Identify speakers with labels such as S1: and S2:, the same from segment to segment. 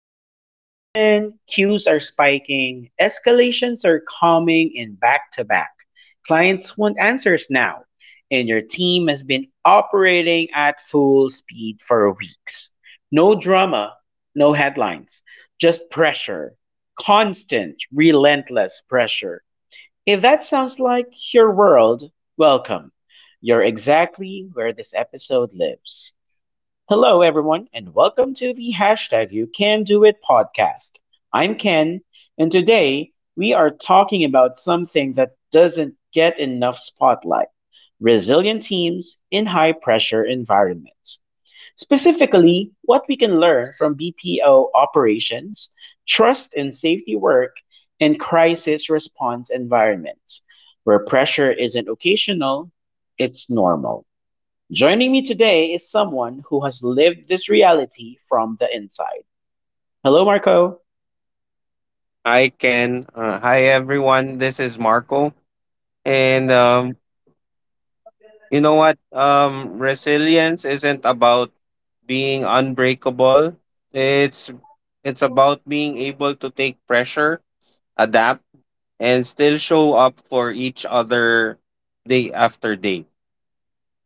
S1: It's peak season, queues are spiking, escalations are coming in back to back. Clients want answers now, and your team has been operating at full speed for weeks. No drama, no headlines, just pressure. Constant, relentless pressure. If that sounds like your world, welcome. You're exactly where this episode lives. Hello, everyone, and welcome to the hashtag You Can Do It podcast. I'm Ken, and today we are talking about something that doesn't get enough spotlight resilient teams in high pressure environments. Specifically, what we can learn from BPO operations, trust and safety work, and crisis response environments, where pressure isn't occasional, it's normal. Joining me today is someone who has lived this reality from the inside. Hello, Marco.
S2: Hi, Ken. Hi, everyone. This is Marco. And you know what? Resilience isn't about being unbreakable. It's it's about being able to take pressure, adapt, and still show up for each other day after day.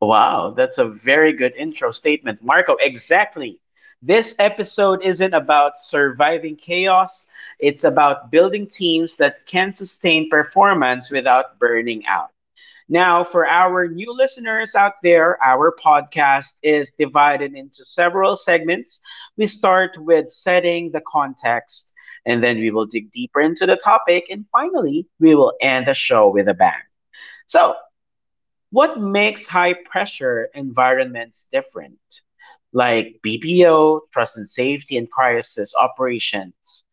S1: Wow, that's a very good intro statement, Marco. Exactly. This episode isn't about surviving chaos, it's about building teams that can sustain performance without burning out. Now, for our new listeners out there, our podcast is divided into several segments. We start with setting the context, and then we will dig deeper into the topic, and finally, we will end the show with a bang. So, what makes high pressure environments different? Like BPO, trust and safety, and crisis operations.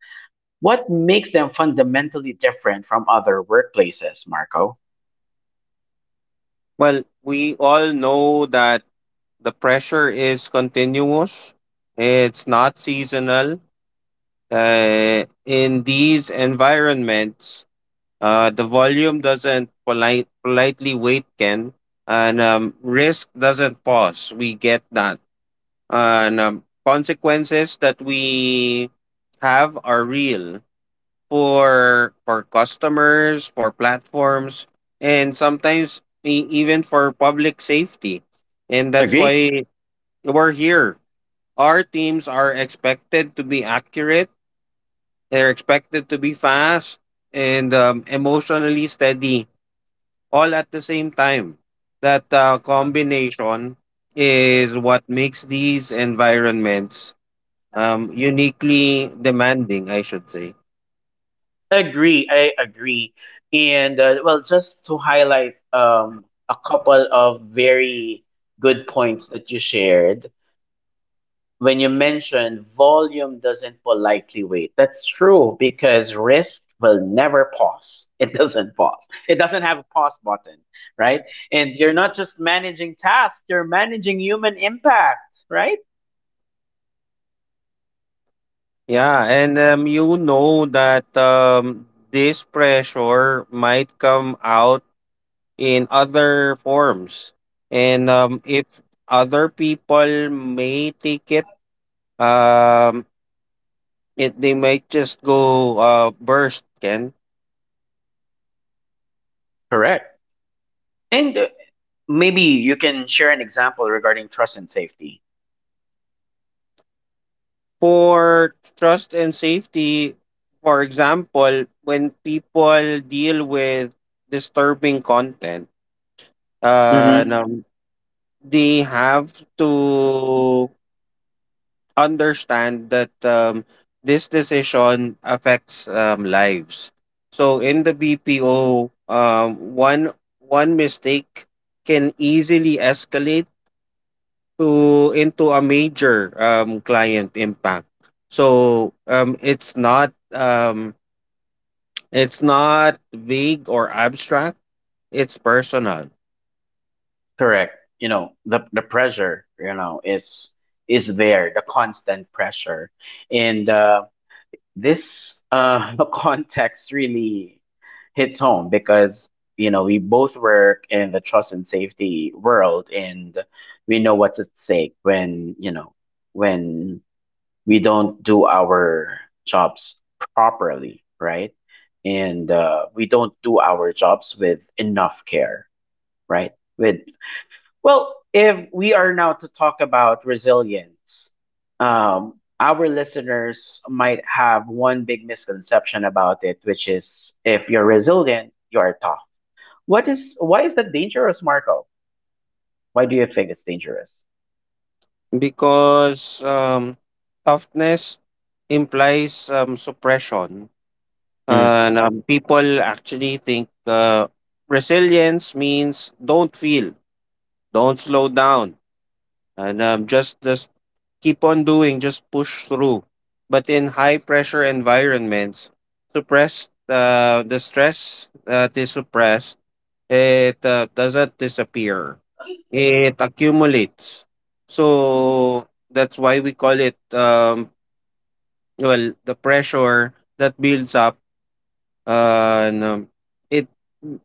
S1: What makes them fundamentally different from other workplaces, Marco?
S2: Well, we all know that the pressure is continuous. It's not seasonal. In these environments, the volume doesn't politely wait, Ken, and risk doesn't pause. We get that, and consequences that we have are real for customers, for platforms, and sometimes even for public safety. And that's
S1: Agree?
S2: why we're here. Our teams are expected to be accurate. They're expected to be fast and emotionally steady all at the same time. That combination is what makes these environments uniquely demanding, I should say.
S1: Agree, I agree. Just to highlight a couple of very good points that you shared, when you mentioned volume doesn't politely wait, that's true because risk will never pause. It doesn't pause, it doesn't have a pause button, right? And you're not just managing tasks, you're managing human impact, right?
S2: Yeah, and you know that this pressure might come out in other forms. And If other people may take it, um, they might just go burst, Ken.
S1: Correct. And Maybe you can share an example regarding trust and safety.
S2: For trust and safety, for example, when people deal with disturbing content,
S1: Mm-hmm.
S2: no, they have to understand that this decision affects lives. So in the BPO, one mistake can easily escalate to into a major client impact, so it's not it's not vague or abstract, it's personal.
S1: Correct. The pressure is there, the constant pressure. And this the context really hits home because we both work in the trust and safety world and we know what's at stake when we don't do our jobs properly, right? And we don't do our jobs with enough care, right? With well, if we are now to talk about resilience, um, our listeners might have one big misconception about it, which is if you're resilient, you are tough. What is why is that dangerous, Marco? Why do you think it's dangerous?
S2: Because toughness implies suppression, and people actually think resilience means don't feel, don't slow down, and just keep on doing, just push through. But in high pressure environments, suppressed the stress that is suppressed, it doesn't disappear, it accumulates. So that's why we call it, well, the pressure that builds up, and it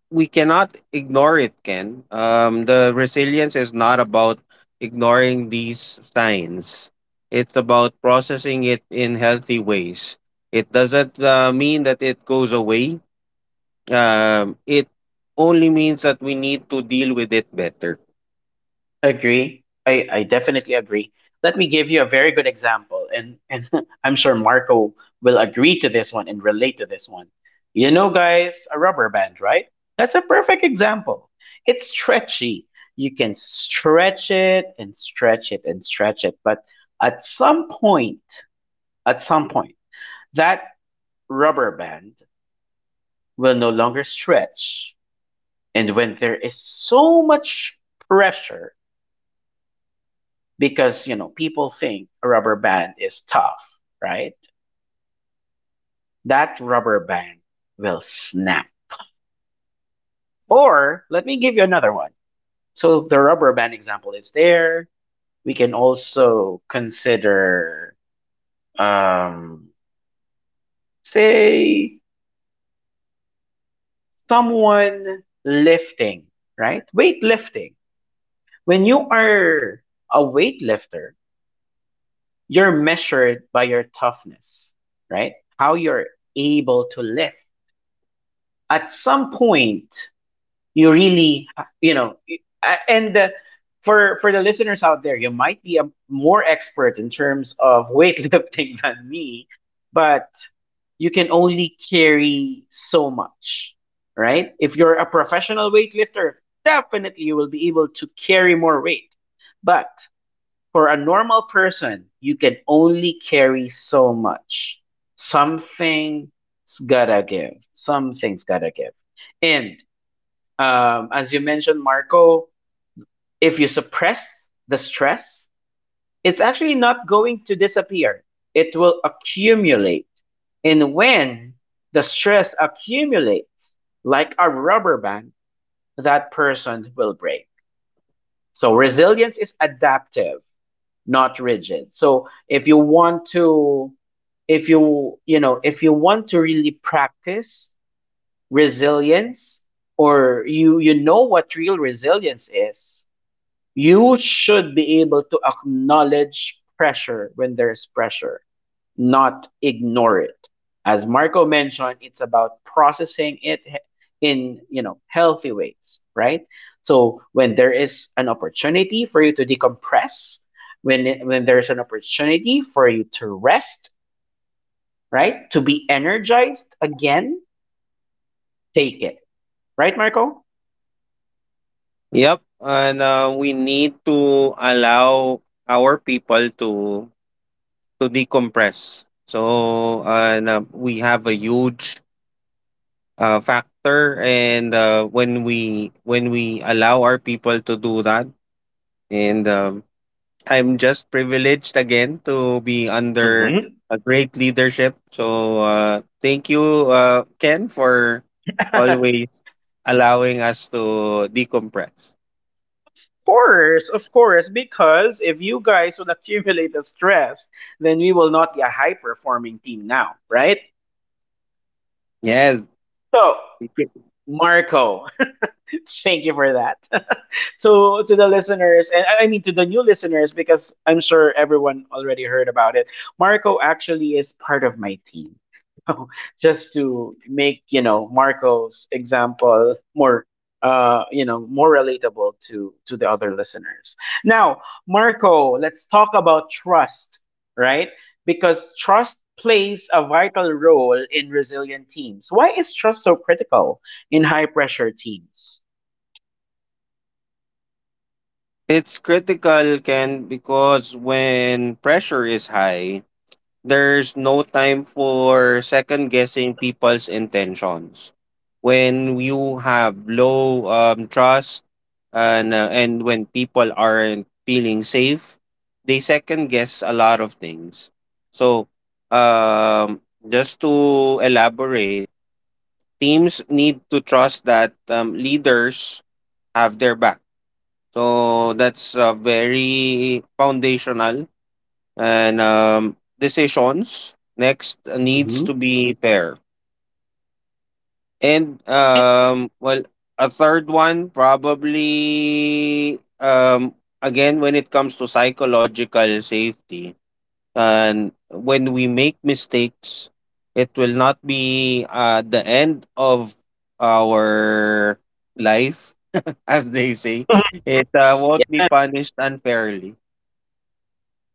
S2: we cannot ignore it, Ken. The resilience is not about ignoring these signs, it's about processing it in healthy ways. It doesn't mean that it goes away. It only means that we need to deal with it better.
S1: Agree. I definitely agree. Let me give you a very good example, and I'm sure Marco will agree to this one and relate to this one. You know, guys, a rubber band, right? That's a perfect example. It's stretchy. You can stretch it and stretch it and stretch it, but at some point, at some point, that rubber band will no longer stretch. And when there is so much pressure, because you know people think a rubber band is tough, right? That rubber band will snap. Or let me give you another one. So the rubber band example is there, we can also consider, um say someone lifting, right? Weightlifting. When you are a weightlifter, you're measured by your toughness, right? How you're able to lift. At some point, you really you know y- a- and for the listeners out there, you might be a, more expert in terms of weightlifting than me, but you can only carry so much. Right? If you're a professional weightlifter, definitely you will be able to carry more weight, but for a normal person you can only carry so much. Something's gotta give, something's gotta give. And as you mentioned, Marco, if you suppress the stress, it's actually not going to disappear. It will accumulate. And when the stress accumulates, like a rubber band, that person will break. So resilience is adaptive, not rigid. So if you want to, if you want to really practice resilience, or you know what real resilience is, you should be able to acknowledge pressure when there's pressure, not ignore it. As Marco mentioned, it's about processing it in healthy ways, right? So when there is an opportunity for you to decompress, when there's an opportunity for you to rest, right? To be energized again, take it. Right, Marco?
S2: Yep, and we need to allow our people to decompress. So, and we have a huge factor, and when we allow our people to do that. And I'm just privileged again to be under
S1: Hmm.
S2: a great leadership, so thank you, Ken, for always allowing us to decompress.
S1: Course, of course, because if you guys will accumulate the stress, then we will not be a high performing team now, right?
S2: Yes.
S1: So, Marco, thank you for that. To the listeners, and I mean to the new listeners, because I'm sure everyone already heard about it. Marco actually is part of my team. So just to make you know Marco's example more more relatable to the other listeners. Now, Marco, let's talk about trust, right? Because trust plays a vital role in resilient teams. Why is trust so critical in high pressure teams?
S2: It's critical, Ken, because when pressure is high, there's no time for second guessing people's intentions. When you have low trust, and when people aren't feeling safe, they second guess a lot of things. So, just to elaborate, teams need to trust that leaders have their back. So that's very foundational, and decisions next needs to
S1: Mhm.
S2: be fair, and um well a third one, probably, again, when it comes to psychological safety, and when we make mistakes, it will not be the end of our life, as they say. It won't be punished
S1: Yes,
S2: unfairly.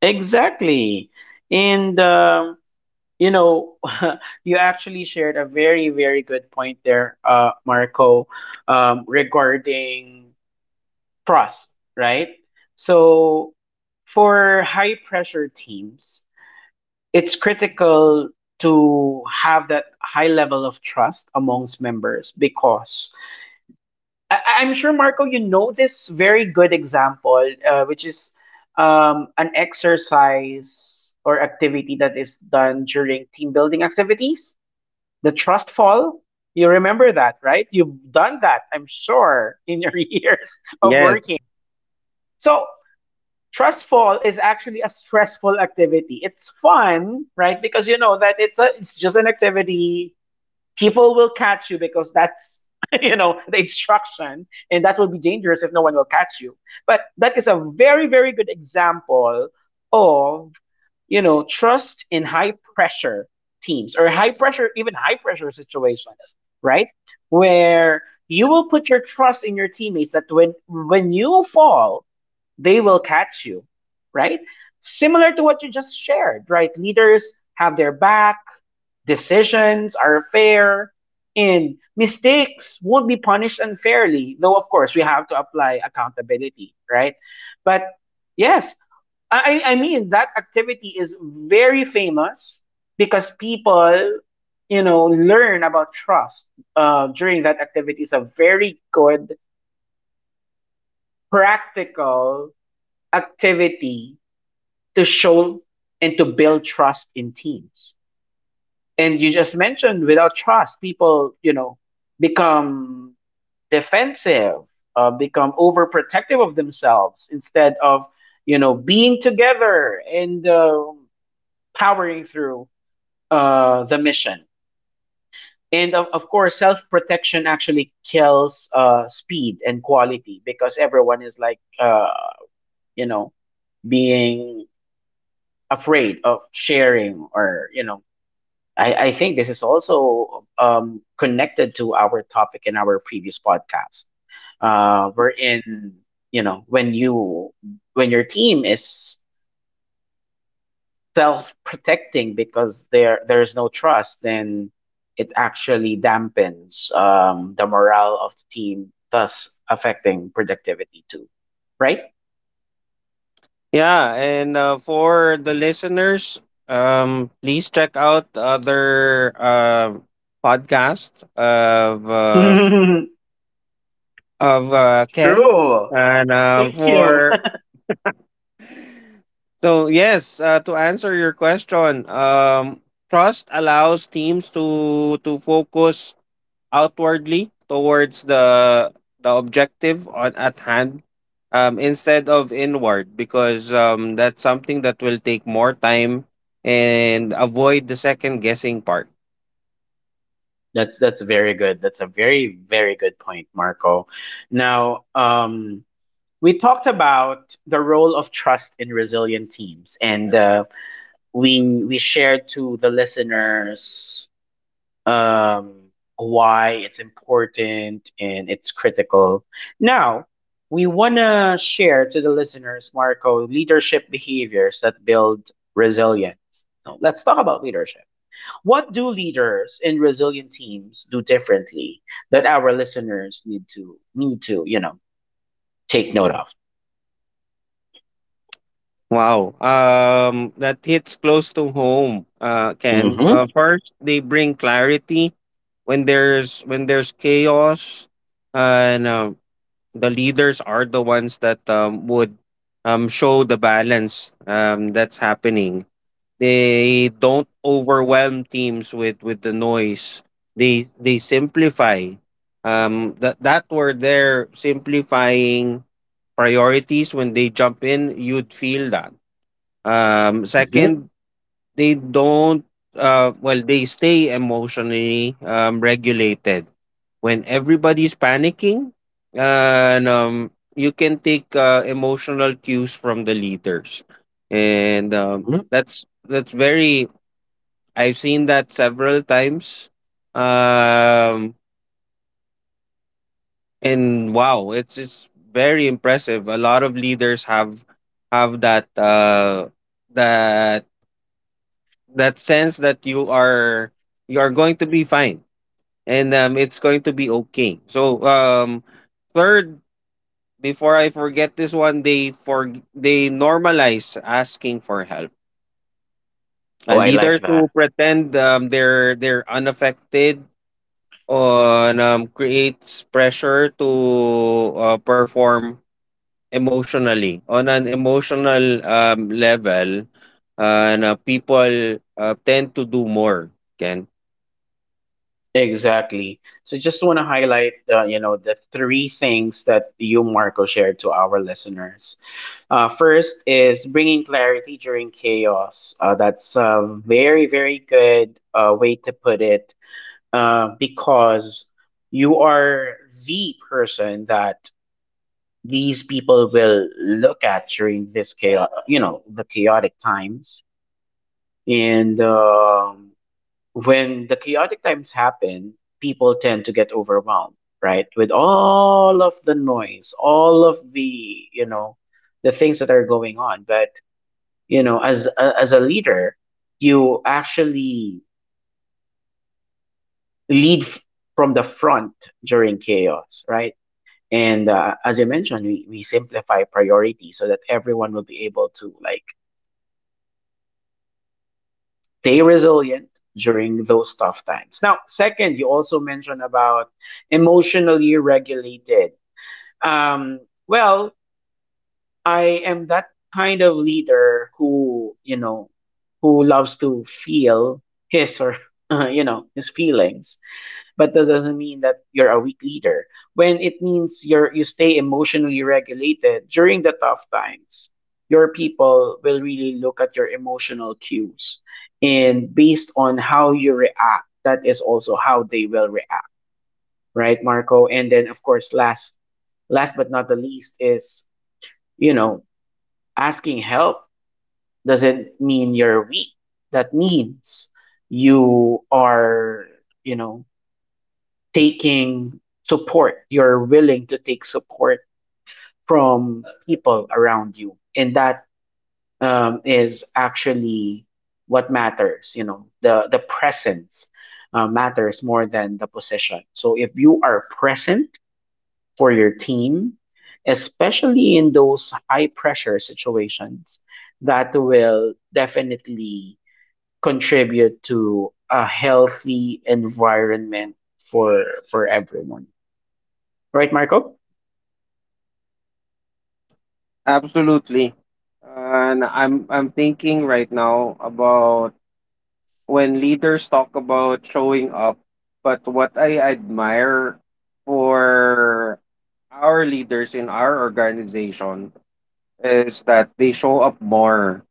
S1: exactly. And you know, you actually shared a very, very good point there, Marco, regarding trust, right? So for high pressure teams, it's critical to have that high level of trust amongst members because I'm sure, Marco, you know this very good example, which is an exercise or activity that is done during team building activities, the trust fall. You remember that, right? You've done that, I'm sure, in your years of
S2: Yes.
S1: working. So, trust fall is actually a stressful activity. It's fun, right? Because you know that it's just an activity, people will catch you because that's you know the instruction, and that will be dangerous if no one will catch you. But that is a very very good example of, you know, trust in high pressure teams or high pressure, even high pressure situations, right? Where you will put your trust in your teammates that when you fall, they will catch you, right? Similar to what you just shared, right? Leaders have their back, decisions are fair, and mistakes won't be punished unfairly, though of course we have to apply accountability, right? But yes, I mean that activity is very famous because people you know learn about trust during that activity. It's a very good practical activity to show and to build trust in teams. And you just mentioned without trust, people you know become defensive, become overprotective of themselves instead of you know being together and powering through the mission. And of course, self protection actually kills speed and quality because everyone is like, you know, being afraid of sharing or, you know, I think this is also connected to our topic in our previous podcast. We're in, you know, when you, when your team is self-protecting because there's no trust, then it actually dampens the morale of the team, thus affecting productivity too. Right?
S2: Yeah, and for the listeners, please check out other podcasts of Ken.
S1: True.
S2: And
S1: Thank you.
S2: for So yes, to answer your question, trust allows teams to focus outwardly towards the objective at hand, instead of inward, because that's something that will take more time and avoid the second guessing part.
S1: That's very good. That's a very very good point, Marco. Now, we talked about the role of trust in resilient teams, and we shared to the listeners um, why it's important and it's critical. Now, we want to share to the listeners, Marco, leadership behaviors that build resilience. So let's talk about leadership. What do leaders in resilient teams do differently that our listeners need to you know take note of?
S2: Wow. That hits close to home, Ken.
S1: Hmm.
S2: First, they bring clarity when there's chaos, and the leaders are the ones that would show the balance that's happening. They don't overwhelm teams with the noise. They simplify. Simplifying priorities, when they jump in, you'd feel that.
S1: Hmm.
S2: Second, they don't. Well, they stay emotionally regulated. When everybody's panicking, and you can take emotional cues from the leaders, and that's very, I've seen that several times. Um, and wow, it's very impressive. A lot of leaders have that that sense that you are going to be fine, and it's going to be okay. So, third, before I forget this one, they normalize asking for help.
S1: Oh, I
S2: Leaders
S1: like that.
S2: who pretend they're unaffected on creates pressure to perform emotionally, on an emotional level, and people tend to do more, Ken.
S1: Exactly. So just want to highlight, you know, the three things that you, Marco, shared to our listeners. First is bringing clarity during chaos. That's a very, very good way to put it because you are the person that these people will look at during this chaos, you know, the chaotic times. And when the chaotic times happen, people tend to get overwhelmed, right? With all of the noise, all of the, you know, the things that are going on. But, you know, as a leader, you actually lead f- from the front during chaos, right? And as you mentioned, we simplify priorities so that everyone will be able to like stay resilient during those tough times. Now, second, you also mentioned about emotionally regulated. Um, well, I am that kind of leader who, you know, who loves to feel his or, you know, his feelings, but that doesn't mean that you're a weak leader. When it means you stay emotionally regulated during the tough times, your people will really look at your emotional cues. And based on how you react, that is also how they will react. Right, Marco? And then of course last, last but not the least is, you know, asking help doesn't mean you're weak. That means you are, you know, taking support. You're willing to take support from people around you, and that is actually what matters. The presence matters more than the position. So if you are present for your team, especially in those high pressure situations, that will definitely contribute to a healthy environment for everyone. Right, Marco?
S2: Absolutely. And I'm thinking right now about when leaders talk about showing up, but what I admire for our leaders in our organization is that they show up more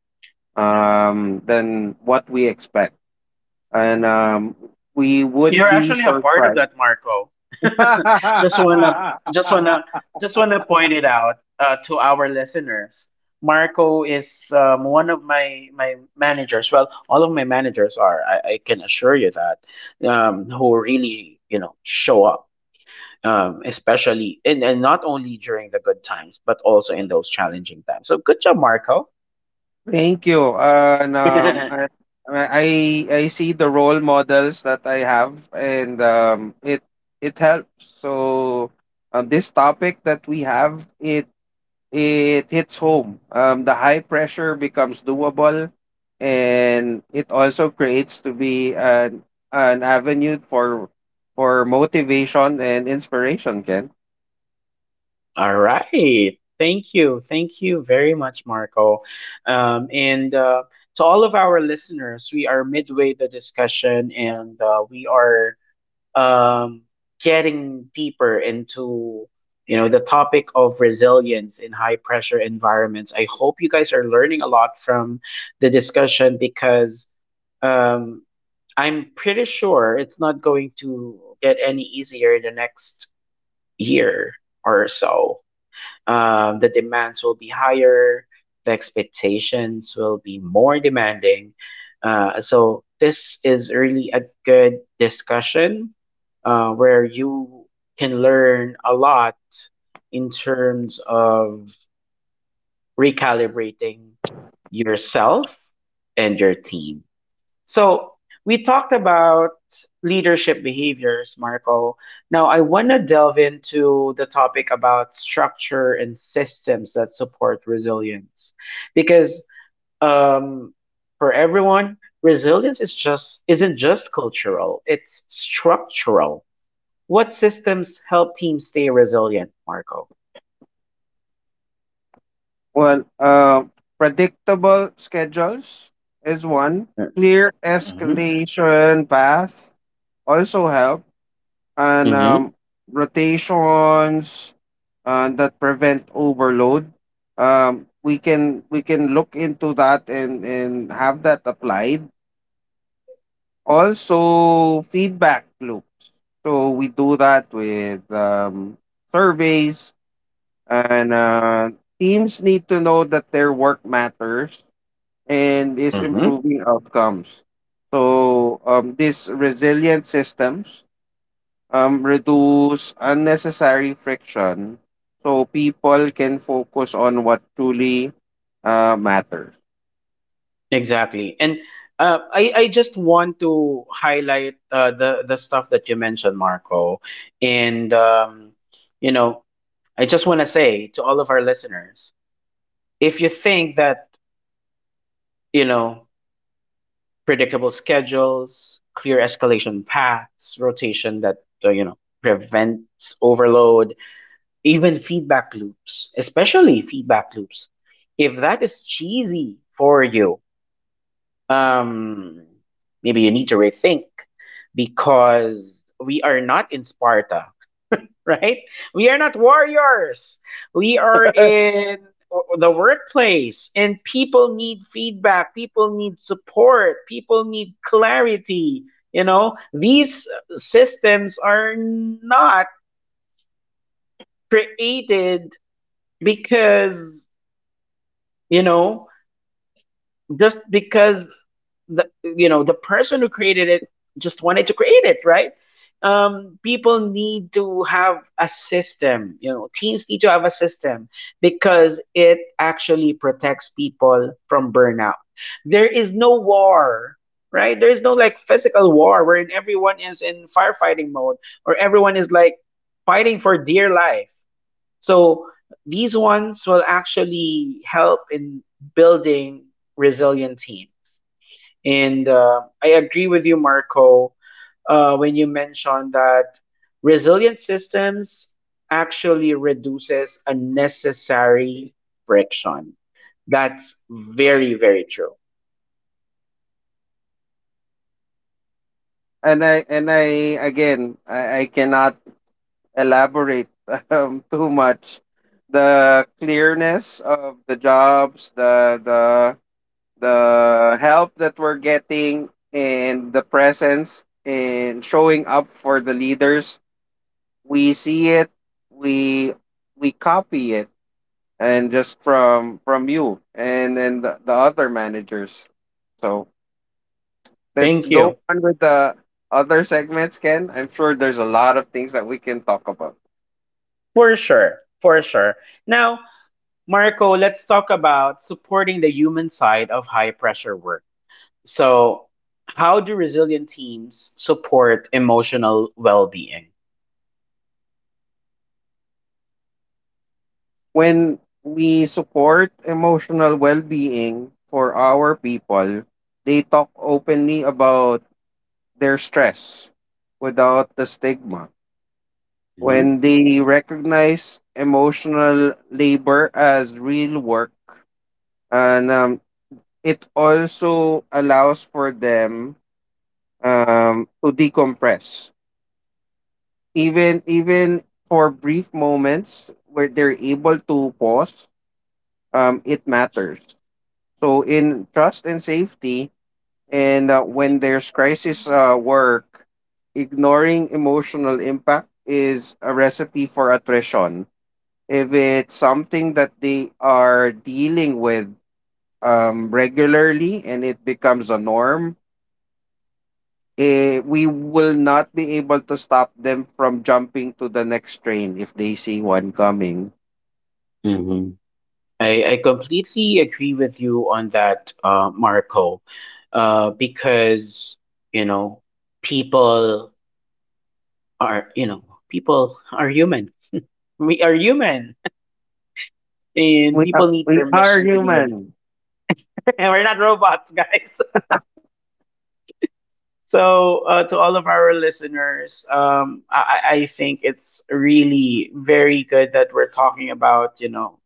S2: than what we expect, and we would
S1: You're
S2: be
S1: actually a part of
S2: surprised.
S1: that, Marco. just wanna, just wanna, just wanna point it out to our listeners. Marco is one of my managers. Well, all of my managers are. I can assure you that, who really, you know, show up, especially, and not only during the good times, but also in those challenging times. So good job, Marco.
S2: Thank you, I I see the role models that I have, and it helps. So this topic that we have, it hits home. The high pressure becomes doable, and it also creates to be an avenue for motivation and inspiration, Ken.
S1: All right. Thank you. Thank you very much, Marco. And To all of our listeners, we are midway the discussion, and we are um, getting deeper into, you know, the topic of resilience in high pressure environments. I hope you guys are learning a lot from the discussion because, um, I'm pretty sure it's not going to get any easier in the next year or so. The demands will be higher, the expectations will be more demanding. So, this is really a good discussion where you can learn a lot in terms of recalibrating yourself and your team. So we talked about leadership behaviors, Marco. Now I want to delve into the topic about structure and systems that support resilience, because, um, for everyone, resilience is just isn't just cultural; it's structural. What systems help teams stay resilient, Marco?
S2: Well, predictable schedules is one. Clear
S1: Mm-hmm.
S2: escalation path also help, and
S1: Mm-hmm.
S2: rotations that prevent overload. We can look into that and have that applied. Also, feedback loops. So we do that with surveys, and teams need to know that their work matters and is improving outcomes. So this resilient systems reduce unnecessary friction, so people can focus on what truly matters.
S1: Exactly. And I just want to highlight the stuff that you mentioned, Marco. And, you know, I just want to say to all of our listeners, if you think that, you know, predictable schedules, clear escalation paths, rotation that, you know, prevents overload, even feedback loops, especially feedback loops, if that is cheesy for you, um, maybe you need to rethink, because we are not in Sparta, right? We are not warriors. We are in the workplace, and people need feedback, people need support, people need clarity. You know, these systems are not created because, you know, just because the you know the person who created it just wanted to create it, right? People need to have a system. You know, teams need to have a system because it actually protects people from burnout. There is no war, right? There is no like physical war wherein everyone is in firefighting mode or everyone is like fighting for dear life. So these ones will actually help in building resilient teams. And I agree with you, Marco, when you mentioned that resilient systems actually reduces unnecessary friction. That's very, very true.
S2: And I again I cannot elaborate too much the clearness of the jobs, the help that we're getting, and the presence and showing up for the leaders. We see it, we we copy it, and just from you and then the other managers. So let's
S1: Thank
S2: go
S1: you.
S2: on with the other segments, Ken. I'm sure there's a lot of things that we can talk about.
S1: For sure. For sure. Now, Marco, let's talk about supporting the human side of high pressure work. So, how do resilient teams support emotional well being?
S2: When we support emotional well-being for our people, they talk openly about their stress without the stigma, when they recognize emotional labor as real work. And it also allows for them to decompress. Even for brief moments where they're able to pause, it matters. So in trust and safety, and when there's crisis work, ignoring emotional impact is a recipe for attrition. If it's something that they are dealing with regularly and it becomes a norm, eh, we will not be able to stop them from jumping to the next train if they see one coming.
S1: Mm-hmm. I completely agree with you on that, Marco, because, you know, people people are human. We are human, and people need
S2: We are
S1: permission to be human.
S2: human.
S1: We're not robots, guys. So, to all of our listeners, I think it's really very good that we're talking about, you know,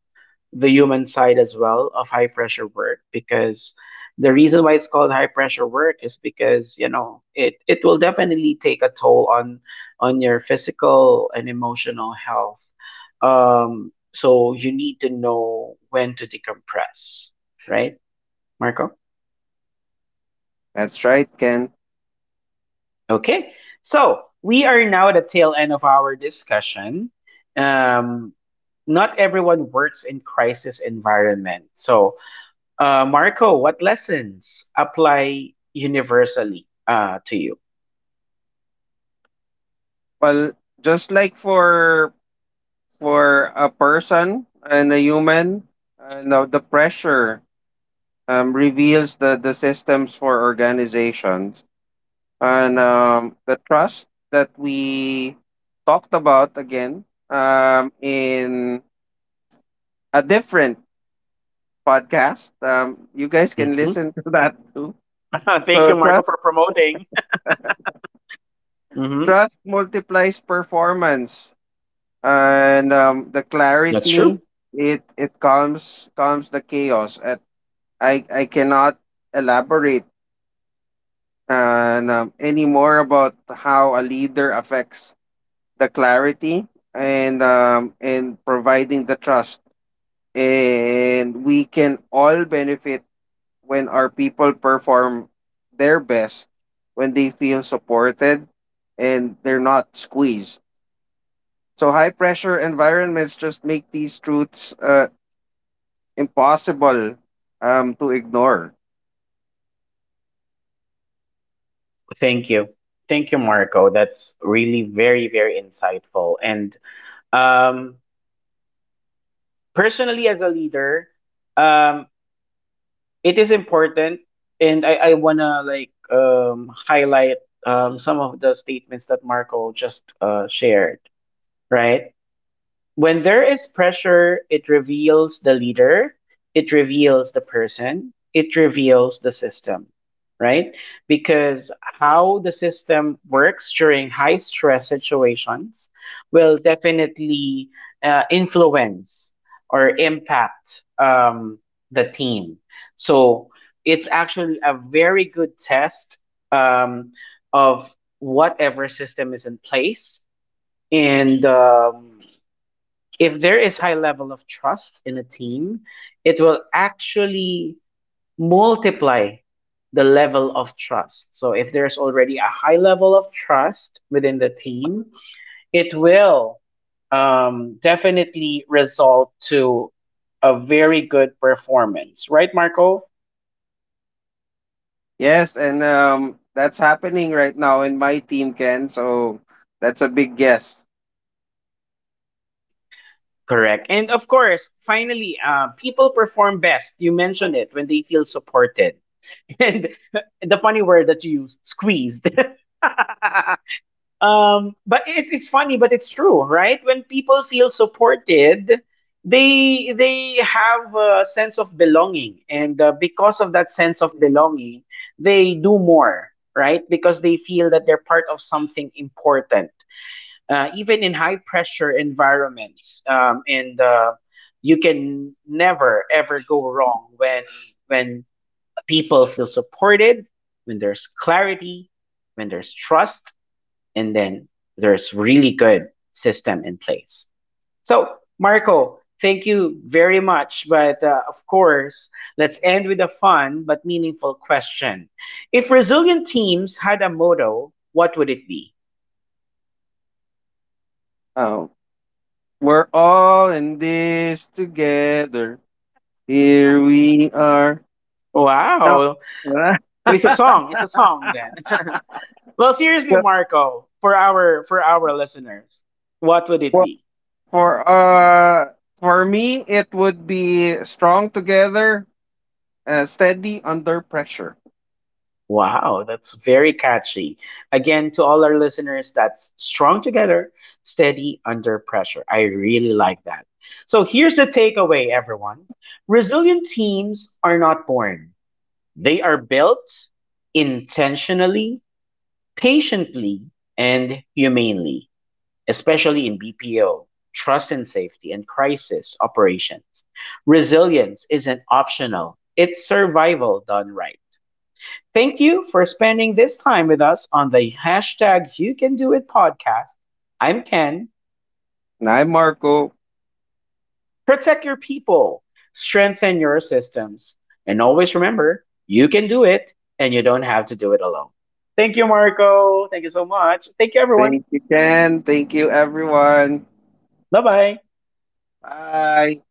S1: the human side as well of high pressure work, because the reason why it's called high pressure work is because, you know, it will definitely take a toll on your physical and emotional health. Um so you need to know when to decompress, right, Marco?
S2: That's right, Ken.
S1: Okay. So we are now at the tail end of our discussion. Um not everyone works in crisis environment. So, uh, Marco, what lessons apply universally to you?
S2: Well, just like for a person and a human, now the pressure reveals the systems for organizations, and the trust that we talked about again, in a different podcast. You guys can
S1: Hmm.
S2: listen to that too.
S1: Thank
S2: So
S1: you, Marco,
S2: trust,
S1: for promoting. Hmm.
S2: trust multiplies performance, and the
S1: That's true.
S2: clarity, it calms the chaos. At I cannot elaborate and any more about how a leader affects the clarity, and providing the trust, and we can all benefit when our people perform their best, when they feel supported and they're not squeezed. So, high pressure environments just make these truths impossible to ignore.
S1: Thank you. Thank you, Marco. That's really very, very insightful. And, um, personally, as a leader, um, it is important. And I want to like, highlight, some of the statements that Marco just, shared, right? When there is pressure, it reveals the leader, it reveals the person, it reveals the system, right? Because how the system works during high stress situations will definitely, influence or impact, the team. So it's actually a very good test, um, of whatever system is in place. And, if there is high level of trust in a team, it will actually multiply the level of trust. So if there's already a high level of trust within the team, it will, definitely result to a very good performance, right, Marco?
S2: Yes, and that's happening right now in my team, Ken. So, that's a big guess.
S1: Yes. Correct. And of course, finally, people perform best. You mentioned it, when they feel supported. And the funny word that you used, squeezed. But it's funny, but it's true, right? When people feel supported, they have a sense of belonging, and, because of that sense of belonging, they do more, right? Because they feel that they're part of something important, even in high pressure environments, and, you can never ever go wrong when when people feel supported, when there's clarity, when there's trust, and then there's really good system in place. So, Marco, thank you very much. But, of course, let's end with a fun but meaningful question. If resilient teams had a motto, what would it be?
S2: Um, we're all in this together. Here we are. No.
S1: Wow. So it's a song. It's a song then. Well, seriously, Marco, for our listeners, what would it
S2: For,
S1: be?
S2: For uh for me it would be strong together, steady under pressure.
S1: Wow, that's very catchy. Again, to all our listeners, that's strong together, steady under pressure. I really like that. So here's the takeaway, everyone: resilient teams are not born, they are built intentionally, patiently, and humanely, especially in BPO, trust and safety, and crisis operations. Resilience isn't optional, it's survival done right. Thank you for spending this time with us on the hashtag You Can Do It podcast. I'm Ken.
S2: And I'm Marco.
S1: Protect your people, strengthen your systems, and always remember, you can do it, and you don't have to do it alone. Thank you, Marco. Thank you so much. Thank you, everyone.
S2: Thank you, Ken. Thank you everyone.
S1: Bye bye.
S2: Bye.